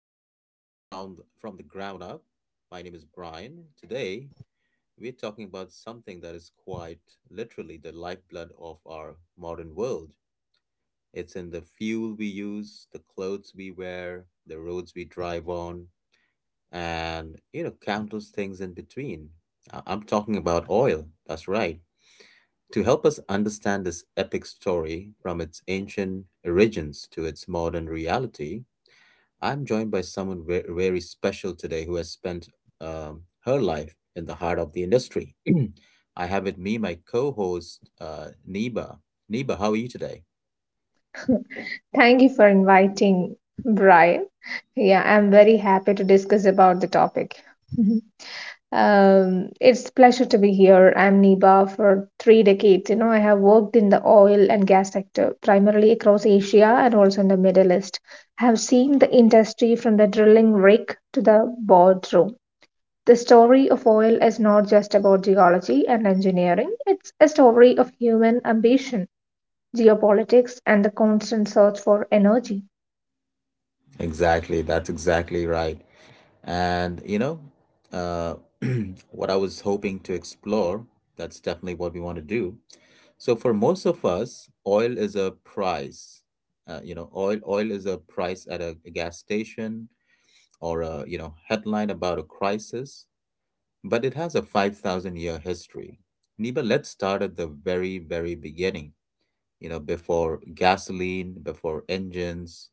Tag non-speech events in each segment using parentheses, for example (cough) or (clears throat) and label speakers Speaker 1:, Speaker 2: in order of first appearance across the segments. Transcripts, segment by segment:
Speaker 1: to From the Ground Up. My name is Brian. Today, we're talking about something that is quite literally the lifeblood of our modern world. It's in the fuel we use, the clothes we wear, the roads we drive on, and countless things in between. I'm talking about oil. That's right. To help us understand this epic story from its ancient origins to its modern reality, I'm joined by someone very special today who has spent her life in the heart of the industry. (clears throat) I have with me my co host, Neba. Neba, how are you today?
Speaker 2: Thank you for inviting Brian. Yeah, I'm very happy to discuss about the topic. Mhm. It's pleasure to be here. I'm Niba for 3 decades. I have worked in the oil and gas sector, primarily across Asia and also in the Middle East. I have seen the industry from the drilling rig to the boardroom. The story of oil is not just about geology and engineering, it's a story of human ambition, geopolitics, and the constant search for energy.
Speaker 1: Exactly, that's exactly right. And, uh, (clears throat) what I was hoping to explore, that's definitely what we want to do. So, for most of us, oil is a price. Oil is a price at a gas station or a headline about a crisis, but it has a 5,000 year history. Niba, let's start at the very, very beginning. Before gasoline, before engines.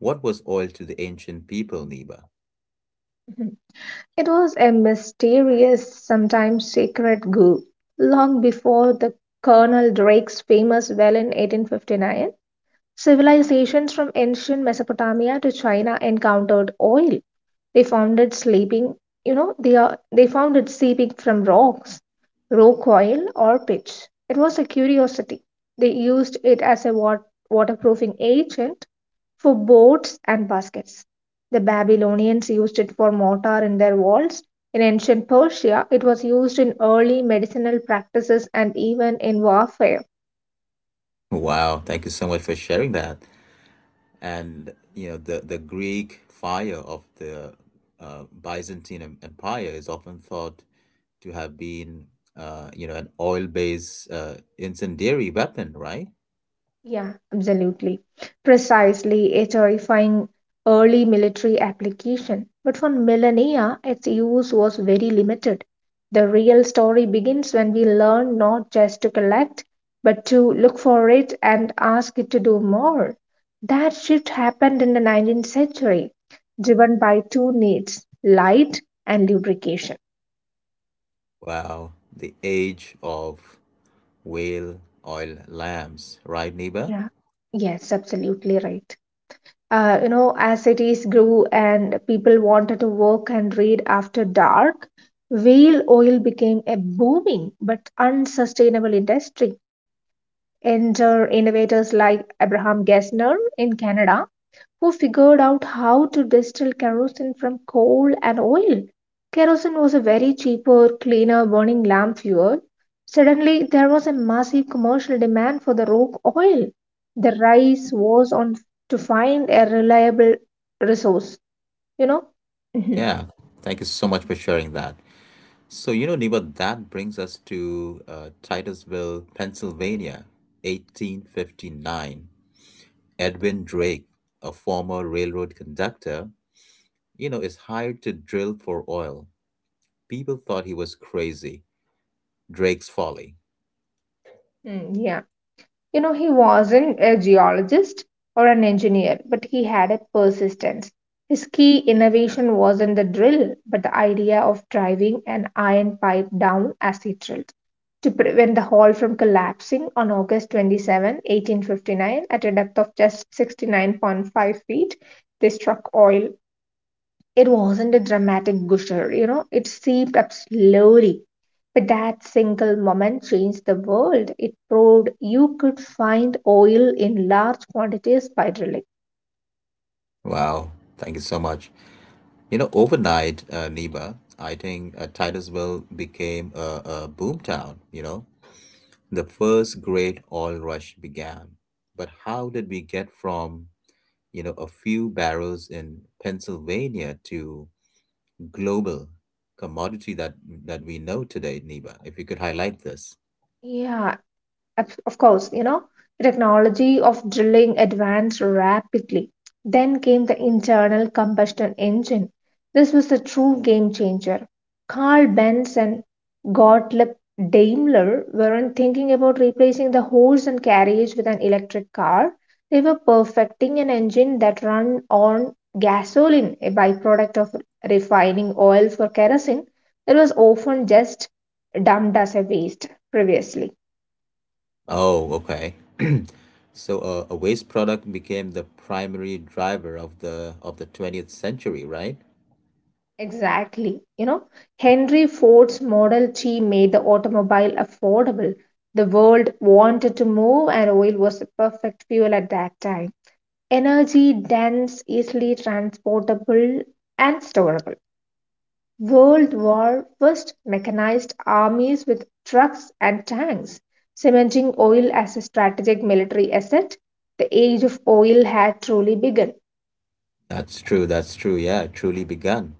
Speaker 1: What was oil to the ancient people, Niba?
Speaker 2: Mm-hmm. It was a mysterious, sometimes sacred group. Long before the Colonel Drake's famous well in 1859, civilizations from ancient Mesopotamia to China encountered oil. They found it sleeping, they found it sleeping from rocks, rock oil, or pitch. It was a curiosity. They used it as a waterproofing agent for boats and baskets. The Babylonians used it for mortar in their walls. In ancient Persia, it was used in early medicinal practices and even in warfare.
Speaker 1: Wow, thank you so much for sharing that. And the Greek fire of the Byzantine Empire is often thought to have been an oil based incendiary weapon, right?
Speaker 2: Yeah, absolutely. Precisely a terrifying early military application. But for millennia, its use was very limited. The real story begins when we learn not just to collect, but to look for it and ask it to do more. That shift happened in the 19th century, driven by two needs light and lubrication.
Speaker 1: Wow, the age of whale oil lamps, right, Niba?
Speaker 2: Yeah, yes, absolutely right. As cities grew and people wanted to work and read after dark, whale oil became a booming but unsustainable industry. Enter innovators like Abraham Gessner in Canada who figured out how to distill kerosene from coal and oil. Kerosene was a very cheaper, cleaner burning lamp fuel. Suddenly, there was a massive commercial demand for the rogue oil. The race was on to find a reliable resource, you know? Mhm.
Speaker 1: Yeah, thank you so much for sharing that. So, Niba, that brings us to Titusville, Pennsylvania, 1859. Edwin Drake, a former railroad conductor, is hired to drill for oil. People thought he was crazy. Drake's folly.
Speaker 2: Mm, yeah. You know, he wasn't a geologist or an engineer, but he had a persistence. His key innovation wasn't the drill, but the idea of driving an iron pipe down as he drilled to prevent the hall from collapsing on August 27, 1859, at a depth of just 69.5 feet. They struck oil, it wasn't a dramatic gusher, you know, it seeped up slowly. But that single moment changed the world. It proved you could find oil in large quantities by drilling.
Speaker 1: Wow, thank you so much. Overnight, Neba, I think Titusville became a boom town. The first great oil rush began. But how did we get from, a few barrels in Pennsylvania to global commodity that we know today, Niba? If you could highlight this.
Speaker 2: Yeah, of course, the technology of drilling advanced rapidly. Then came the internal combustion engine. This was a true game changer. Carl Benz and Gottlieb Daimler weren't thinking about replacing the horse and carriage with an electric car. They were perfecting an engine that ran on gasoline, a byproduct of refining oil for kerosene that was often just dumped as a waste previously.
Speaker 1: Oh, okay. (clears throat) So a waste product became the primary driver of the 20th century, right?
Speaker 2: Exactly. Henry Ford's Model T made the automobile affordable. The world wanted to move, and oil was the perfect fuel at that time. Energy dense, easily transportable, and storable. World War first mechanized armies with trucks and tanks, cementing oil as a strategic military asset. The age of oil had truly begun.
Speaker 1: That's true. That's true. Yeah, truly begun.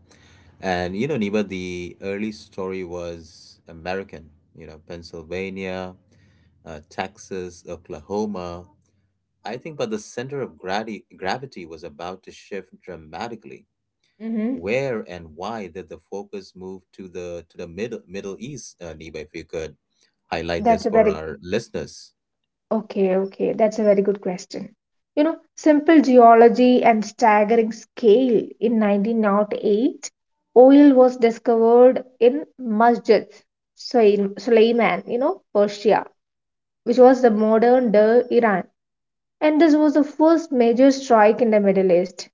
Speaker 1: And Niba, the early story was American. Pennsylvania, Texas, Oklahoma. I think, but the center of gravity was about to shift dramatically.
Speaker 2: Mhm.
Speaker 1: Where and why did the focus move to the Middle East, Niba? If you could highlight this
Speaker 2: That's a
Speaker 1: for
Speaker 2: very
Speaker 1: our listeners.
Speaker 2: Okay, okay, that's a very good question. Simple geology and staggering scale. In 1908, oil was discovered in Masjid Sulaiman, Persia, which was the modern day Iran. And this was the first major strike in the Middle East.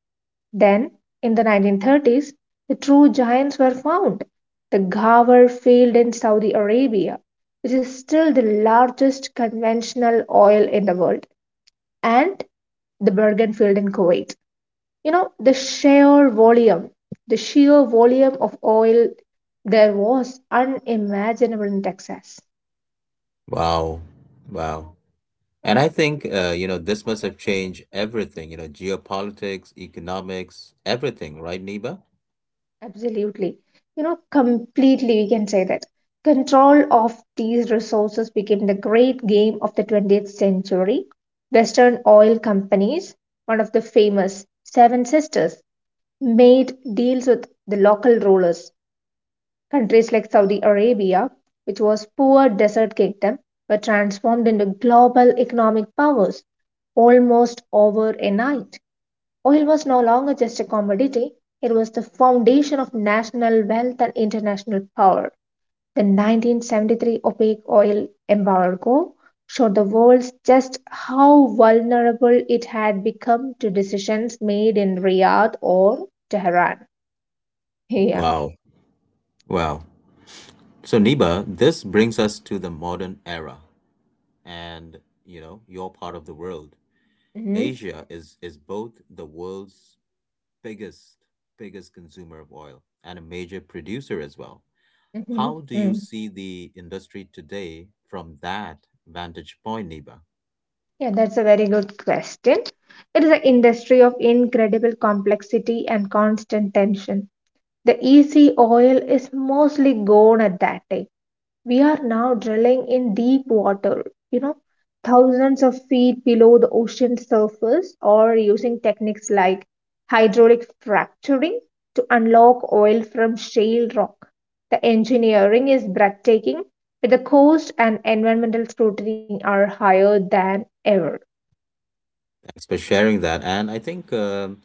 Speaker 2: Then, in the 1930s, the true giants were found. The Ghawar field in Saudi Arabia, which is still the largest conventional oil in the world, and the Bergen field in Kuwait. You know, the sheer volume, the sheer volume of oil there was unimaginable in Texas.
Speaker 1: Wow, wow. And I think this must have changed everything. Geopolitics, economics, everything, right, Niba?
Speaker 2: Absolutely. Completely we can say that. Control of these resources became the great game of the 20th century. Western oil companies, one of the famous Seven Sisters, made deals with the local rulers. Countries like Saudi Arabia, which was poor desert kingdom, were transformed into global economic powers almost over a night. Oil was no longer just a commodity, it was the foundation of national wealth and international power. The 1973 OPEC oil embargo showed the world just how vulnerable it had become to decisions made in Riyadh or Tehran. Yeah.
Speaker 1: Wow, wow. So, Niba, this brings us to the modern era. And your part of the world,
Speaker 2: hmm
Speaker 1: Asia, is both the world's biggest biggest consumer of oil and a major producer as well. How do you
Speaker 2: hmm
Speaker 1: see the industry today from that vantage point, Niba?
Speaker 2: Yeah, that's a very good question. It is an industry of incredible complexity and constant tension. The EC oil is mostly gone at that time. We are now drilling in deep water, you know, thousands of feet below the ocean surface, or using techniques like hydraulic fracturing to unlock oil from shale rock. The engineering is breathtaking, but the cost and environmental scrutiny are higher than ever.
Speaker 1: Thanks for sharing that. And I think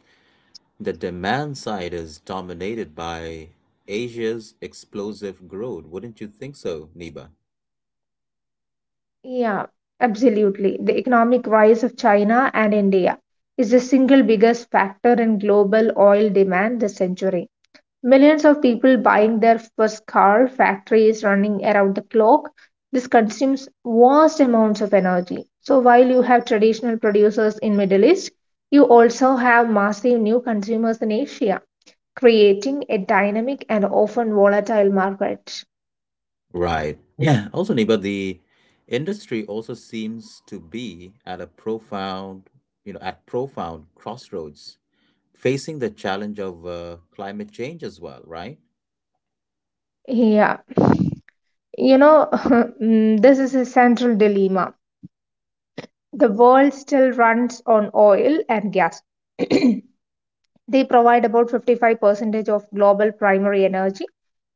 Speaker 1: the demand side is dominated by Asia's explosive growth. Wouldn't you think so, Niba?
Speaker 2: Yeah, absolutely. The economic rise of China and India is the single biggest factor in global oil demand this century. Millions of people buying their first car, factories running around the clock. This consumes vast amounts of energy. So while you have traditional producers in Middle East, you also have massive new consumers in Asia, creating a dynamic and often volatile market.
Speaker 1: Right. Yeah. Also, Niba, the industry also seems to be at a profound, you know, at profound crossroads, facing the challenge of climate change as well, right?
Speaker 2: Yeah, (laughs) this is a central dilemma. The world still runs on oil and gas. (clears throat) They provide about 55% of global primary energy,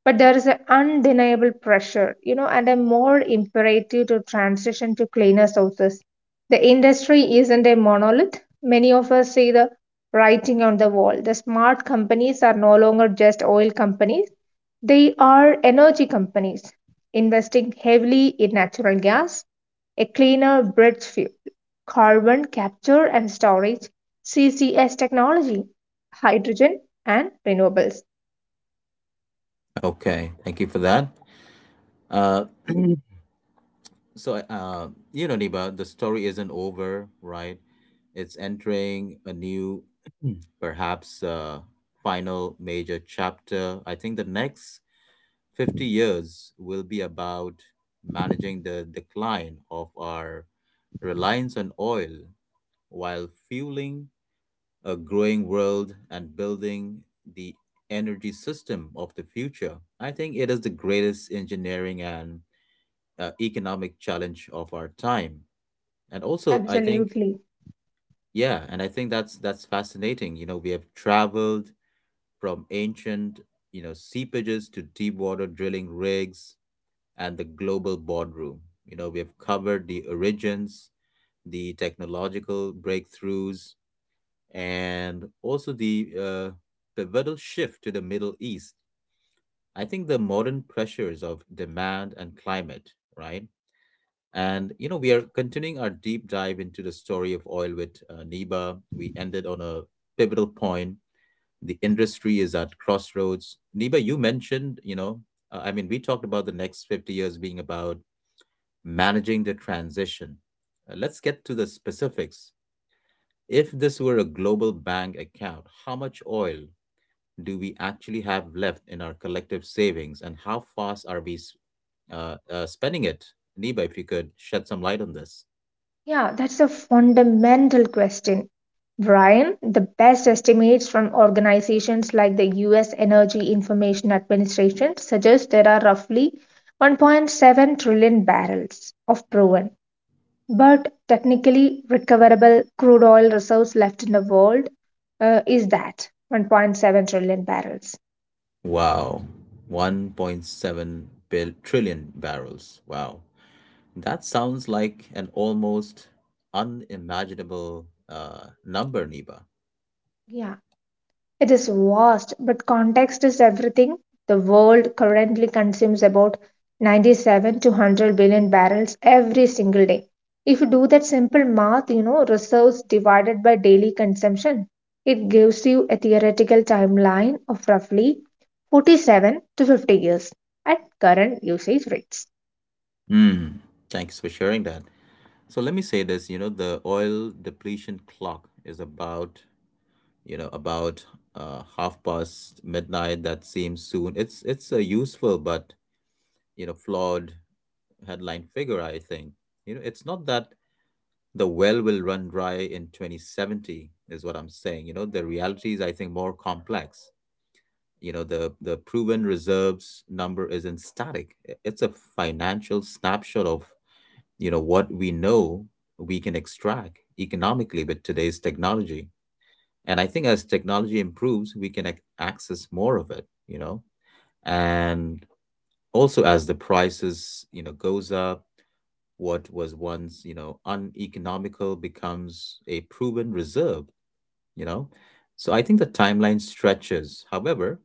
Speaker 2: but there is an undeniable pressure, and a more imperative to transition to cleaner sources. The industry isn't a monolith. Many of us see the writing on the wall. The smart companies are no longer just oil companies, they are energy companies investing heavily in natural gas, a cleaner bridge fuel, carbon capture and storage, CCS technology, hydrogen, and renewables.
Speaker 1: Okay. Thank you for that. Uh, so, Niba, the story isn't over, right? It's entering a new, (clears throat) perhaps, final major chapter. I think the next 50 years will be about managing the decline of our reliance on oil while fueling a growing world and building the energy system of the future. I think it is the greatest engineering and economic challenge of our time. And also, I think,
Speaker 2: Absolutely.
Speaker 1: yeah, and I think that's fascinating. We have traveled from ancient, seepages to deep water drilling rigs and the global boardroom. We have covered the origins, the technological breakthroughs, and also the pivotal shift to the Middle East. I think the modern pressures of demand and climate, right? And we are continuing our deep dive into the story of oil with Neba. We ended on a pivotal point. The industry is at crossroads. Neba, you mentioned, I mean, we talked about the next 50 years being about managing the transition. Let's get to the specifics. If this were a global bank account, how much oil do we actually have left in our collective savings and how fast are we spending it? Niba, if you could shed some light on this.
Speaker 2: Yeah, that's a fundamental question. Brian, the best estimates from organizations like the US Energy Information Administration suggest there are roughly 1.7 trillion barrels of proven but technically recoverable crude oil reserves left in the world, is that 1.7 trillion barrels.
Speaker 1: Wow. 1.7 trillion barrels. Wow. That sounds like an almost unimaginable number, Niba.
Speaker 2: Yeah, it is vast, but context is everything. The world currently consumes about 97 to 100 billion barrels every single day. If you do that simple math, reserves divided by daily consumption, it gives you a theoretical timeline of roughly 47 to 50 years at current usage rates.
Speaker 1: Hmm. Thanks for sharing that. So let me say this. The oil depletion clock is about half past midnight. That seems soon. It's a useful but flawed headline figure. I think it's not that the well will run dry in 2070 is what I'm saying. The reality is I think more complex. The proven reserves number isn't static. It's a financial snapshot of what we know we can extract economically with today's technology. And I think as technology improves, we can access more of it. And also, as the prices goes up, what was once uneconomical becomes a proven reserve. You know so I think the timeline stretches. However,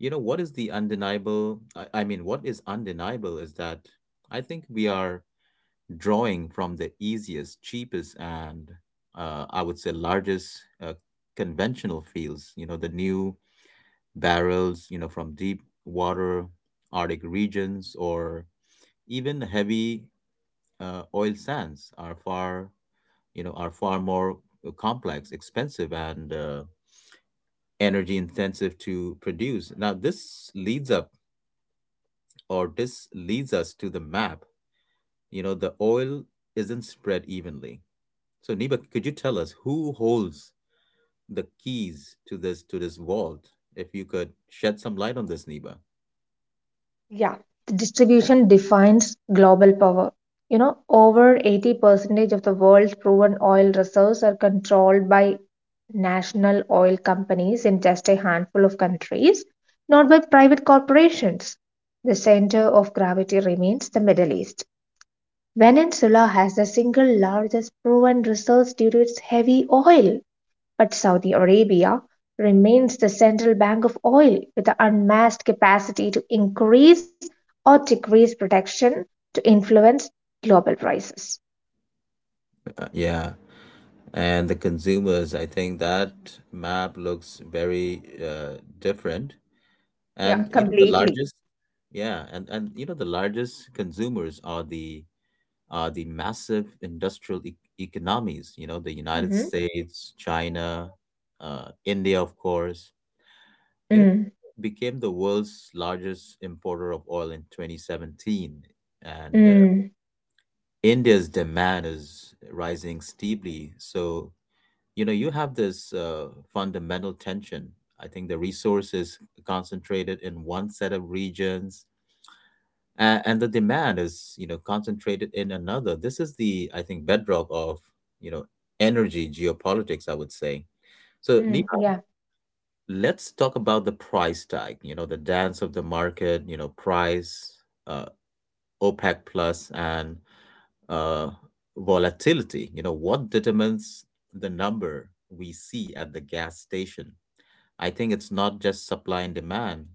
Speaker 1: what is the undeniable, I mean, what is undeniable is that I think we are drawing from the easiest, cheapest, and I would say largest conventional fields, the new barrels, from deep water, Arctic regions, or even heavy oil sands are far more complex, expensive, and energy intensive to produce. Now, this leads up, or this leads us to the map. The oil isn't spread evenly. So, Niba, could you tell us who holds the keys to this vault? If you could shed some light on this, Niba.
Speaker 2: Yeah, the distribution defines global power. Over 80% of the world's proven oil reserves are controlled by national oil companies in just a handful of countries, not by private corporations. The center of gravity remains the Middle East. Venezuela has the single largest proven reserves due to its heavy oil. But Saudi Arabia remains the central bank of oil with the unmatched capacity to increase or decrease production to influence global prices.
Speaker 1: Yeah, and the consumers. I think that map looks very different.
Speaker 2: Yeah,
Speaker 1: And you know the
Speaker 2: completely.
Speaker 1: largest, yeah, and the largest consumers are the massive industrial economies. The United
Speaker 2: Mm-hmm.
Speaker 1: States, China, India, of course, You know,
Speaker 2: Mm,
Speaker 1: became the world's largest importer of oil in 2017, and
Speaker 2: mm,
Speaker 1: India's demand is rising steeply. So, you have this fundamental tension. I think the resource is concentrated in one set of regions, and the demand is, concentrated in another. This is the, I think, bedrock of, you know, energy geopolitics, I would say. So,
Speaker 2: yeah,
Speaker 1: let's talk about the price tag, the dance of the market, price, uh, OPEC plus, and uh, volatility. What determines the number we see at the gas station? I think it's not just supply and demand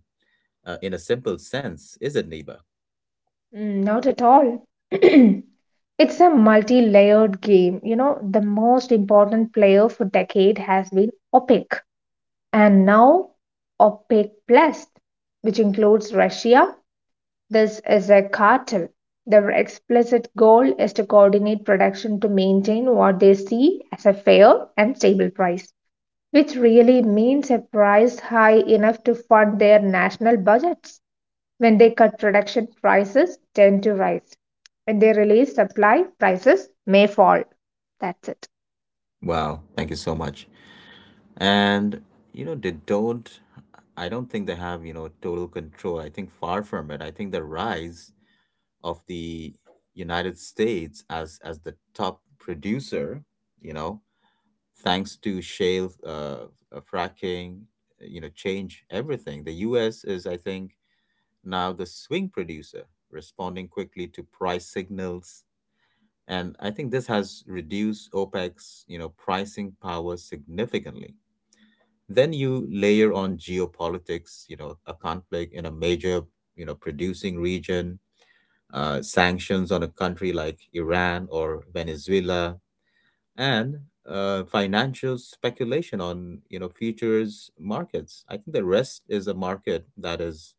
Speaker 1: in a simple sense, is it, Neba?
Speaker 2: not at all. (clears throat) It's a multi layered game. The most important player for decade has been OPEC, and now OPEC Plus, which includes Russia. This is a cartel. Their explicit goal is to coordinate production to maintain what they see as a fair and stable price, which really means a price high enough to fund their national budgets. When they cut production, prices tend to rise. When they release supply, prices may fall. That's it.
Speaker 1: Wow, thank you so much. And, you know, they don't, I don't think they have, total control. I think far from it. I think the rise of the United States as the top producer, you know, thanks to shale fracking, change everything. The U.S. is, I think, now the swing producer, responding quickly to price signals, and I think this has reduced OPEC's, pricing power significantly. Then you layer on geopolitics, a conflict in a major, producing region, sanctions on a country like Iran or Venezuela, and financial speculation on futures markets. I think the rest is a market that is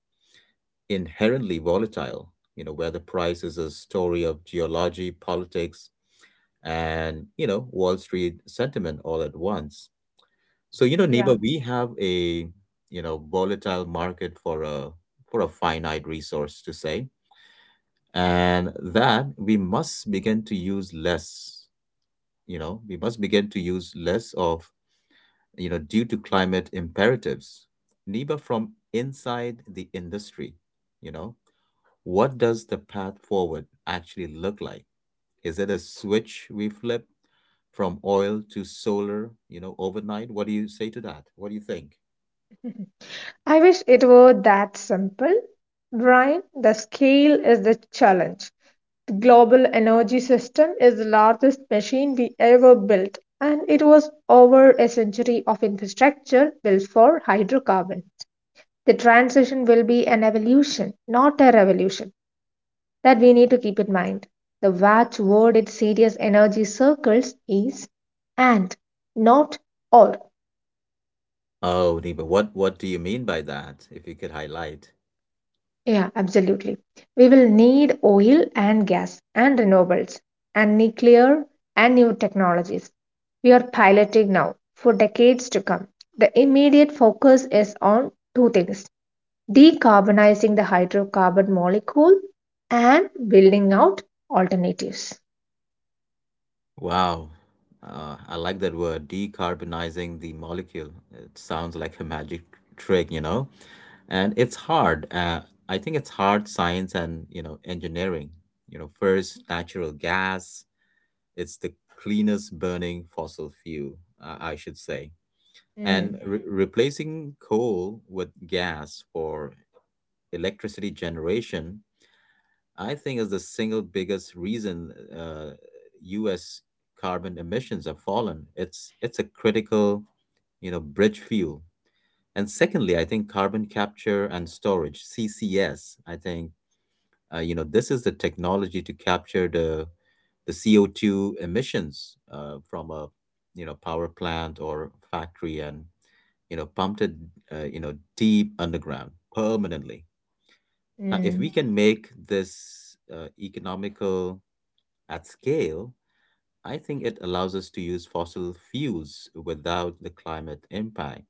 Speaker 1: inherently volatile. Where the price is a story of geology, politics, and Wall Street sentiment all at once. So,
Speaker 2: Yeah.
Speaker 1: Neba, we have a volatile market for a finite resource, to say, and that we must begin to use less. We must begin to use less of, due to climate imperatives. Niba, from inside the industry, you know what does the path forward actually look like? Is it a switch we flip from oil to solar, overnight? What do you say to that? What do you think?
Speaker 2: I wish it were that simple. Brian, the scale is the challenge. The global energy system is the largest machine we ever built, and it was over a century of infrastructure built for hydrocarbon. The transition will be an evolution, not a revolution, that we need to keep in mind. The watchword in serious energy circles is and, not or.
Speaker 1: Oh, Niba, what do you mean by that? If you could highlight.
Speaker 2: Yeah, absolutely. We will need oil and gas and renewables and nuclear and new technologies. We are piloting now for decades to come. The immediate focus is on two things: decarbonizing the hydrocarbon molecule and building out alternatives.
Speaker 1: Wow. I like that word, decarbonizing the molecule. It sounds like a magic trick, you know? And it's hard. I think it's hard science and, engineering. First, natural gas. It's the cleanest burning fossil fuel, I should say. And
Speaker 2: Mm,
Speaker 1: re replacing coal with gas for electricity generation I think is the single biggest reason U.S. carbon emissions have fallen. It's a critical, bridge fuel. And secondly, I think carbon capture and storage (CCS). I think this is the technology to capture the CO two emissions from a power plant or factory and pumped it deep underground permanently. Now, if
Speaker 2: mm.
Speaker 1: we can make this economical at scale, I think it allows us to use fossil fuels without the climate impact.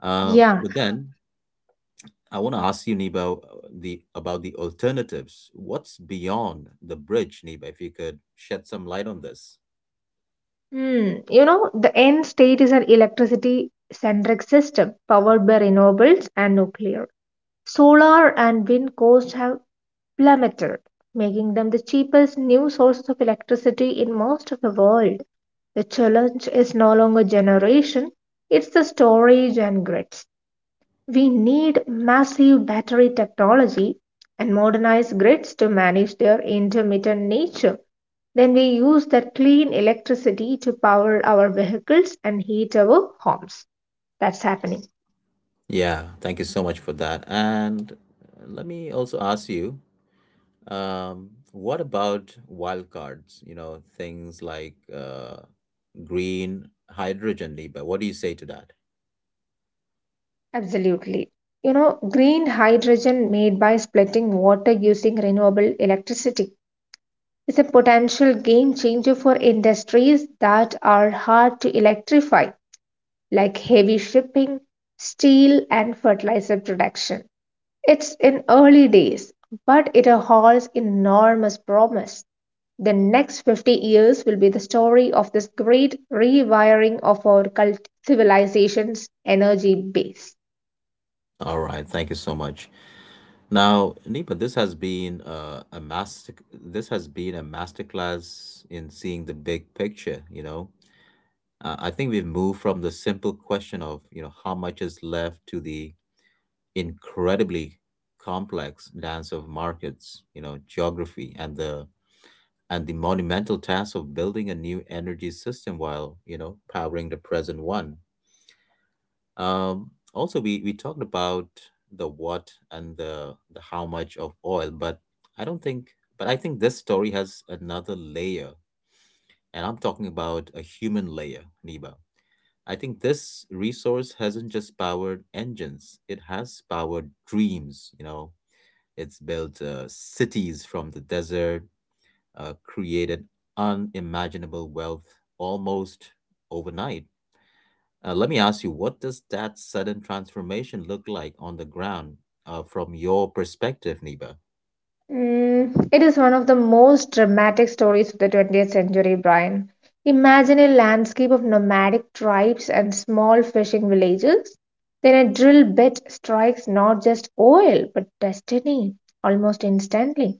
Speaker 1: Uh,
Speaker 2: Yeah,
Speaker 1: but then I want to ask you, Niba, the about the alternatives. What's beyond the bridge, Niba? If you could shed some light on this.
Speaker 2: hmm. The end state is an electricity centric system powered by renewables and nuclear. Solar and wind costs have plummeted, making them the cheapest new sources of electricity in most of the world. The challenge is no longer generation, it's the storage and grids. We need massive battery technology and modernized grids to manage their intermittent nature. Then we use that clean electricity to power our vehicles and heat our homes. That's happening.
Speaker 1: Yeah, thank you so much for that. And let me also ask you, what about wildcards? You know, things like green hydrogen, Niba. What do you say to that?
Speaker 2: Absolutely. Green hydrogen made by splitting water using renewable electricity is a potential game changer for industries that are hard to electrify, like heavy shipping, steel, and fertilizer production. It's in early days, but it holds enormous promise. The next 50 years will be the story of this great rewiring of our civilization's energy base.
Speaker 1: All right, thank you so much. Now, Nipa, this has been a master. This has been a masterclass in seeing the big picture. You know, I think we've moved from the simple question of you know how much is left to the incredibly complex dance of markets, you know, geography, and the monumental task of building a new energy system while you know powering the present one. Also, we talked about the what and the how much of oil, but I don't think, but I think this story has another layer, and I'm talking about a human layer, Niba. I think this resource hasn't just powered engines, it has powered dreams. You know, it's built cities from the desert, created unimaginable wealth almost overnight. Let me ask you, what does that sudden transformation look like on the ground from your perspective, Niba?
Speaker 2: Mm, it is one of the most dramatic stories of the 20th century, Brian. Imagine a landscape of nomadic tribes and small fishing villages. Then a drill bit strikes not just oil, but destiny almost instantly.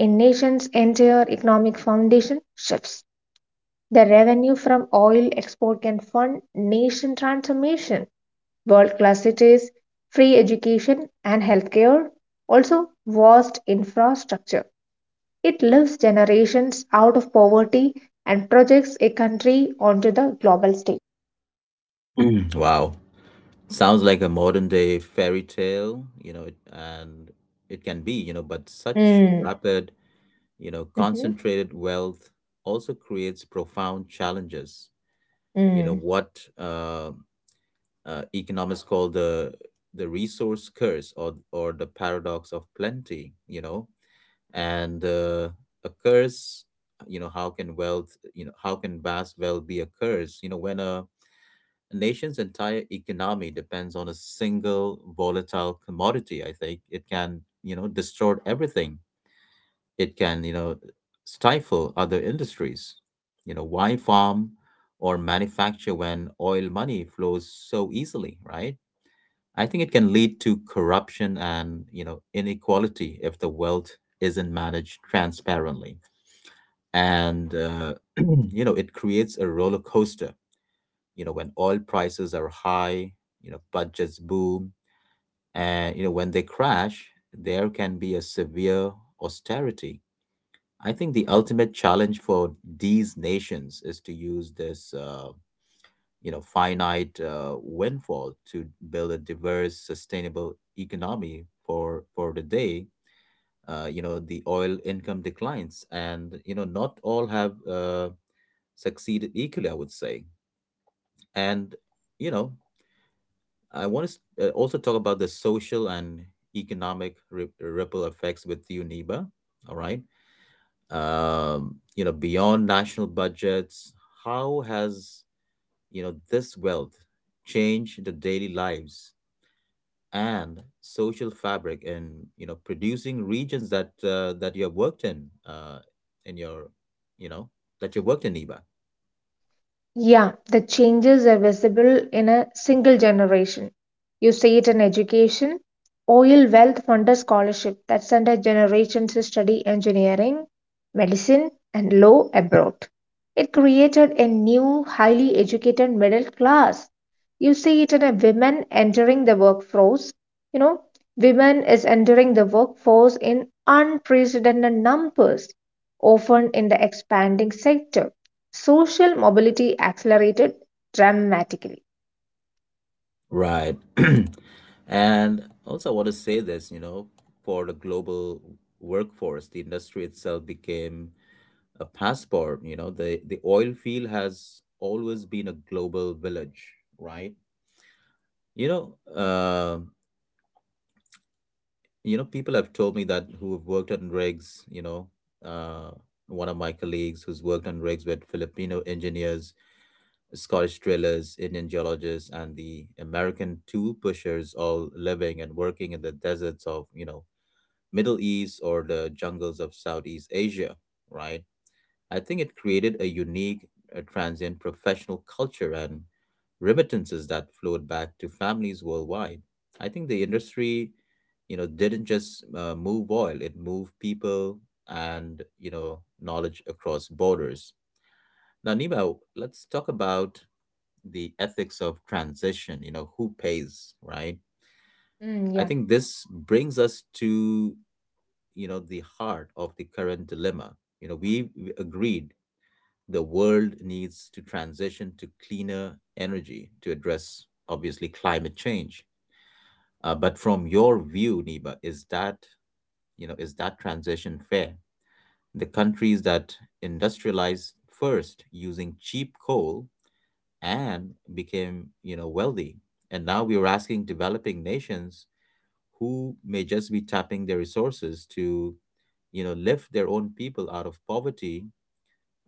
Speaker 2: A nation's entire economic foundation shifts. The revenue from oil export can fund nation transformation, world class cities, free education and healthcare, also vast infrastructure. It lifts generations out of poverty and projects a country onto the global stage.
Speaker 1: Mm, wow. Sounds like a modern day fairy tale, you know, it, and it can be, you know, but such
Speaker 2: Mm,
Speaker 1: rapid, you know,
Speaker 2: mhm,
Speaker 1: concentrated wealth also creates profound challenges. You know,
Speaker 2: mm.
Speaker 1: what economists call the resource curse or the paradox of plenty, you know, and a curse, you know. How can wealth you know how can vast wealth be a curse, you know, when a nation's entire economy depends on a single volatile commodity? I think it can, you know, distort everything. It can, you know, stifle other industries. You know, why farm or manufacture when oil money flows so easily, right? I think it can lead to corruption and, you know, inequality if the wealth isn't managed transparently. And (clears throat) you know, it creates a roller coaster. You know, when oil prices are high, you know, budgets boom, and, you know, when they crash, there can be a severe austerity. I think the ultimate challenge for these nations is to use this you know finite windfall to build a diverse sustainable economy for the day you know the oil income declines, and, you know, not all have succeeded equally, I would say. And, you know, I want to also talk about the social and economic ripple effects with UNIBA. All right. You know, beyond national budgets, how has, you know, this wealth changed the daily lives and social fabric in, you know, producing regions that that you have worked in your, you know, that you worked in, Niba?
Speaker 2: Yeah, the changes are visible in a single generation. You see it in education. Oil Wealth Funder Scholarship that sent a generation to study engineering, medicine, and law abroad. It created a new, highly educated middle class. You see it in a women entering the workforce. You know, women is entering the workforce in unprecedented numbers, often in the expanding sector. Social mobility accelerated dramatically.
Speaker 1: Right. (clears throat) And also, I want to say this, you know, for the global workforce, the industry itself became a passport. You know, the oil field has always been a global village, right? You know, uh, you know, people have told me that who have worked on rigs, you know, uh, one of my colleagues who's worked on rigs with Filipino engineers, Scottish drillers, Indian geologists, and the American tool pushers all living and working in the deserts of, you know, Middle East or the jungles of Southeast Asia, right? I think it created a unique, transient professional culture and remittances that flowed back to families worldwide. I think the industry, you know, didn't just move oil, it moved people and, you know, knowledge across borders. Now, Nima, let's talk about the ethics of transition, you know, who pays, right?
Speaker 2: Mm,
Speaker 1: I
Speaker 2: yeah.
Speaker 1: think this brings us to, you know, the heart of the current dilemma. You know, we agreed the world needs to transition to cleaner energy to address obviously climate change. But from your view, Niba, is that transition fair? The countries that industrialize first using cheap coal and became, you know, wealthy. And now we are asking developing nations who may just be tapping their resources to, you know, lift their own people out of poverty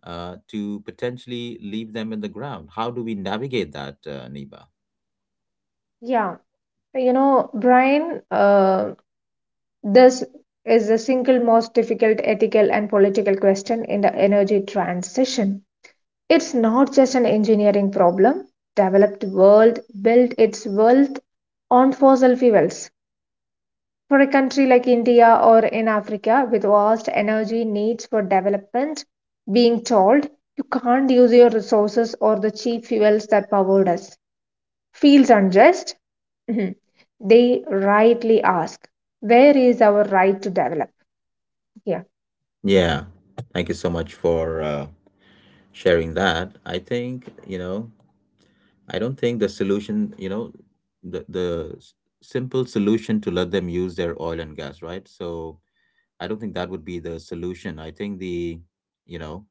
Speaker 1: to potentially leave them in the ground. How do we navigate that, Niba?
Speaker 2: Yeah, Brian, this is the single most difficult ethical and political question in the energy transition. It's not just an engineering problem. Developed world built its wealth on fossil fuels. For a country like India or in Africa with vast energy needs for development, being told you can't use your resources or the cheap fuels that powered us feels unjust. Mhm. They rightly ask, where is our right to develop? Yeah.
Speaker 1: Yeah, thank you so much for sharing that. I think, you know, I don't think the solution, you know, the, the s- simple solution to let them use their oil and gas, right? So I don't think that would be the solution. I think the, you know,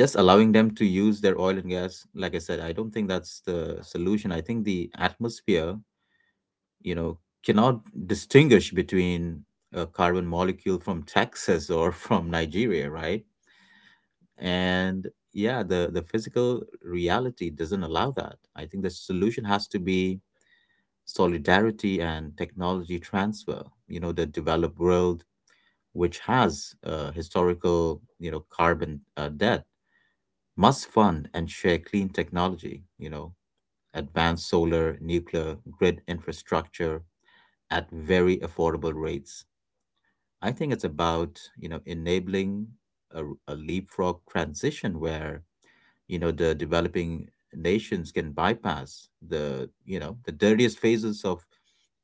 Speaker 1: just allowing them to use their oil and gas, like I said, I don't think that's the solution. I think the atmosphere, you know, cannot distinguish between a carbon molecule from Texas or (laughs) from Nigeria, right? And yeah, the physical reality doesn't allow that. I think the solution has to be solidarity and technology transfer. You know, the developed world which has historical, you know, carbon debt, must fund and share clean technology, you know, advanced solar, nuclear, grid infrastructure at very affordable rates. I think it's about, you know, enabling a leapfrog transition where, you know, the developing nations can bypass the, you know, the dirtiest phases of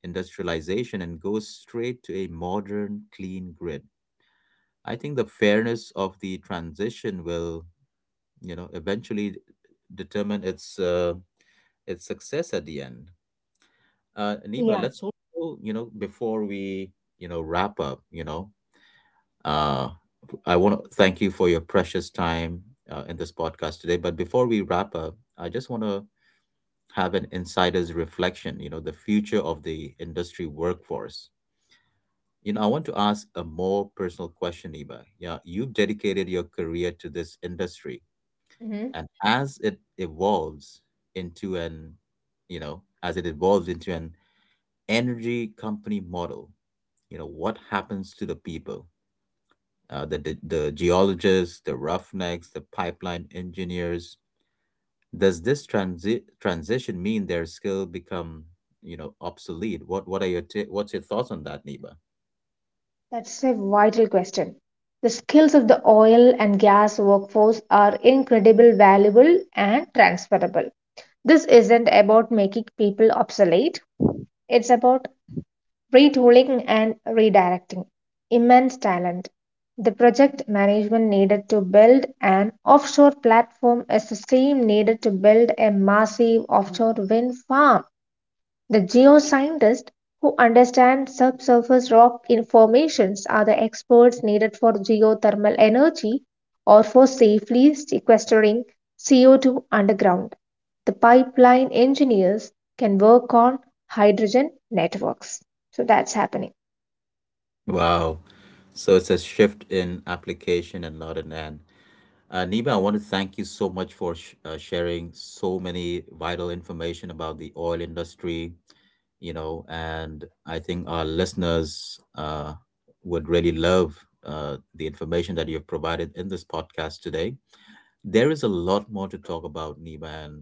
Speaker 1: industrialization and go straight to a modern, clean grid. I think the fairness of the transition will, you know, eventually determine its success at the end. Niba,
Speaker 2: Yeah.
Speaker 1: let's also, you know, before we, you know, wrap up, you know, uh, I want to thank you for your precious time in this podcast today. But before we wrap up, I just want to have an insider's reflection. You know, the future of the industry workforce. You know, I want to ask a more personal question, Niba. Yeah, you've dedicated your career to this industry,
Speaker 2: Mhm.
Speaker 1: and as it evolves into an you know as it evolves into an energy company model, you know, what happens to the people, the geologists, the roughnecks, the pipeline engineers? Does this transition mean their skill become, you know, obsolete? What are your what's your thoughts on that, niba?
Speaker 2: That's a vital question. The skills of the oil and gas workforce are incredibly valuable and transferable. This isn't about making people obsolete, it's about retooling and redirecting. Immense talent. The project management needed to build an offshore platform is the same needed to build a massive offshore wind farm. The geoscientists who understand subsurface rock formations are the experts needed for geothermal energy or for safely sequestering CO2 underground. The pipeline engineers can work on hydrogen networks. So that's happening.
Speaker 1: Wow, so it's a shift in application and not an end. Nima, I want to thank you so much for sharing so many vital information about the oil industry, you know, and I think our listeners would really love the information that you've provided in this podcast today. There is a lot more to talk about, Nima, and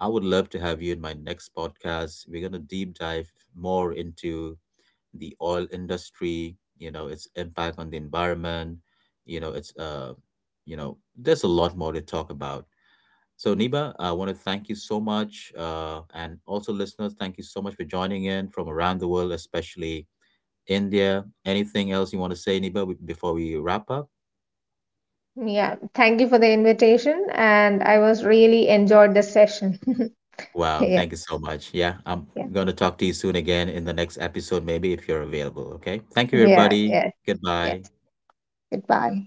Speaker 1: I would love to have you in my next podcast. We're going to deep dive more into the oil industry, you know, its impact on the environment, you know, it's you know, there's a lot more to talk about. So Niba, I want to thank you so much, and also listeners, thank you so much for joining in from around the world, especially India. Anything else you want to say, Niba, before we wrap up?
Speaker 2: Yeah, thank you for the invitation and I was really enjoyed the session. (laughs)
Speaker 1: Wow,
Speaker 2: Yeah,
Speaker 1: thank you so much. Yeah, I'm
Speaker 2: yeah,
Speaker 1: going to talk to you soon again in the next episode, maybe if you're available. Okay. Thank you,
Speaker 2: yeah,
Speaker 1: everybody.
Speaker 2: yeah. Yes,
Speaker 1: Goodbye.
Speaker 2: goodbye.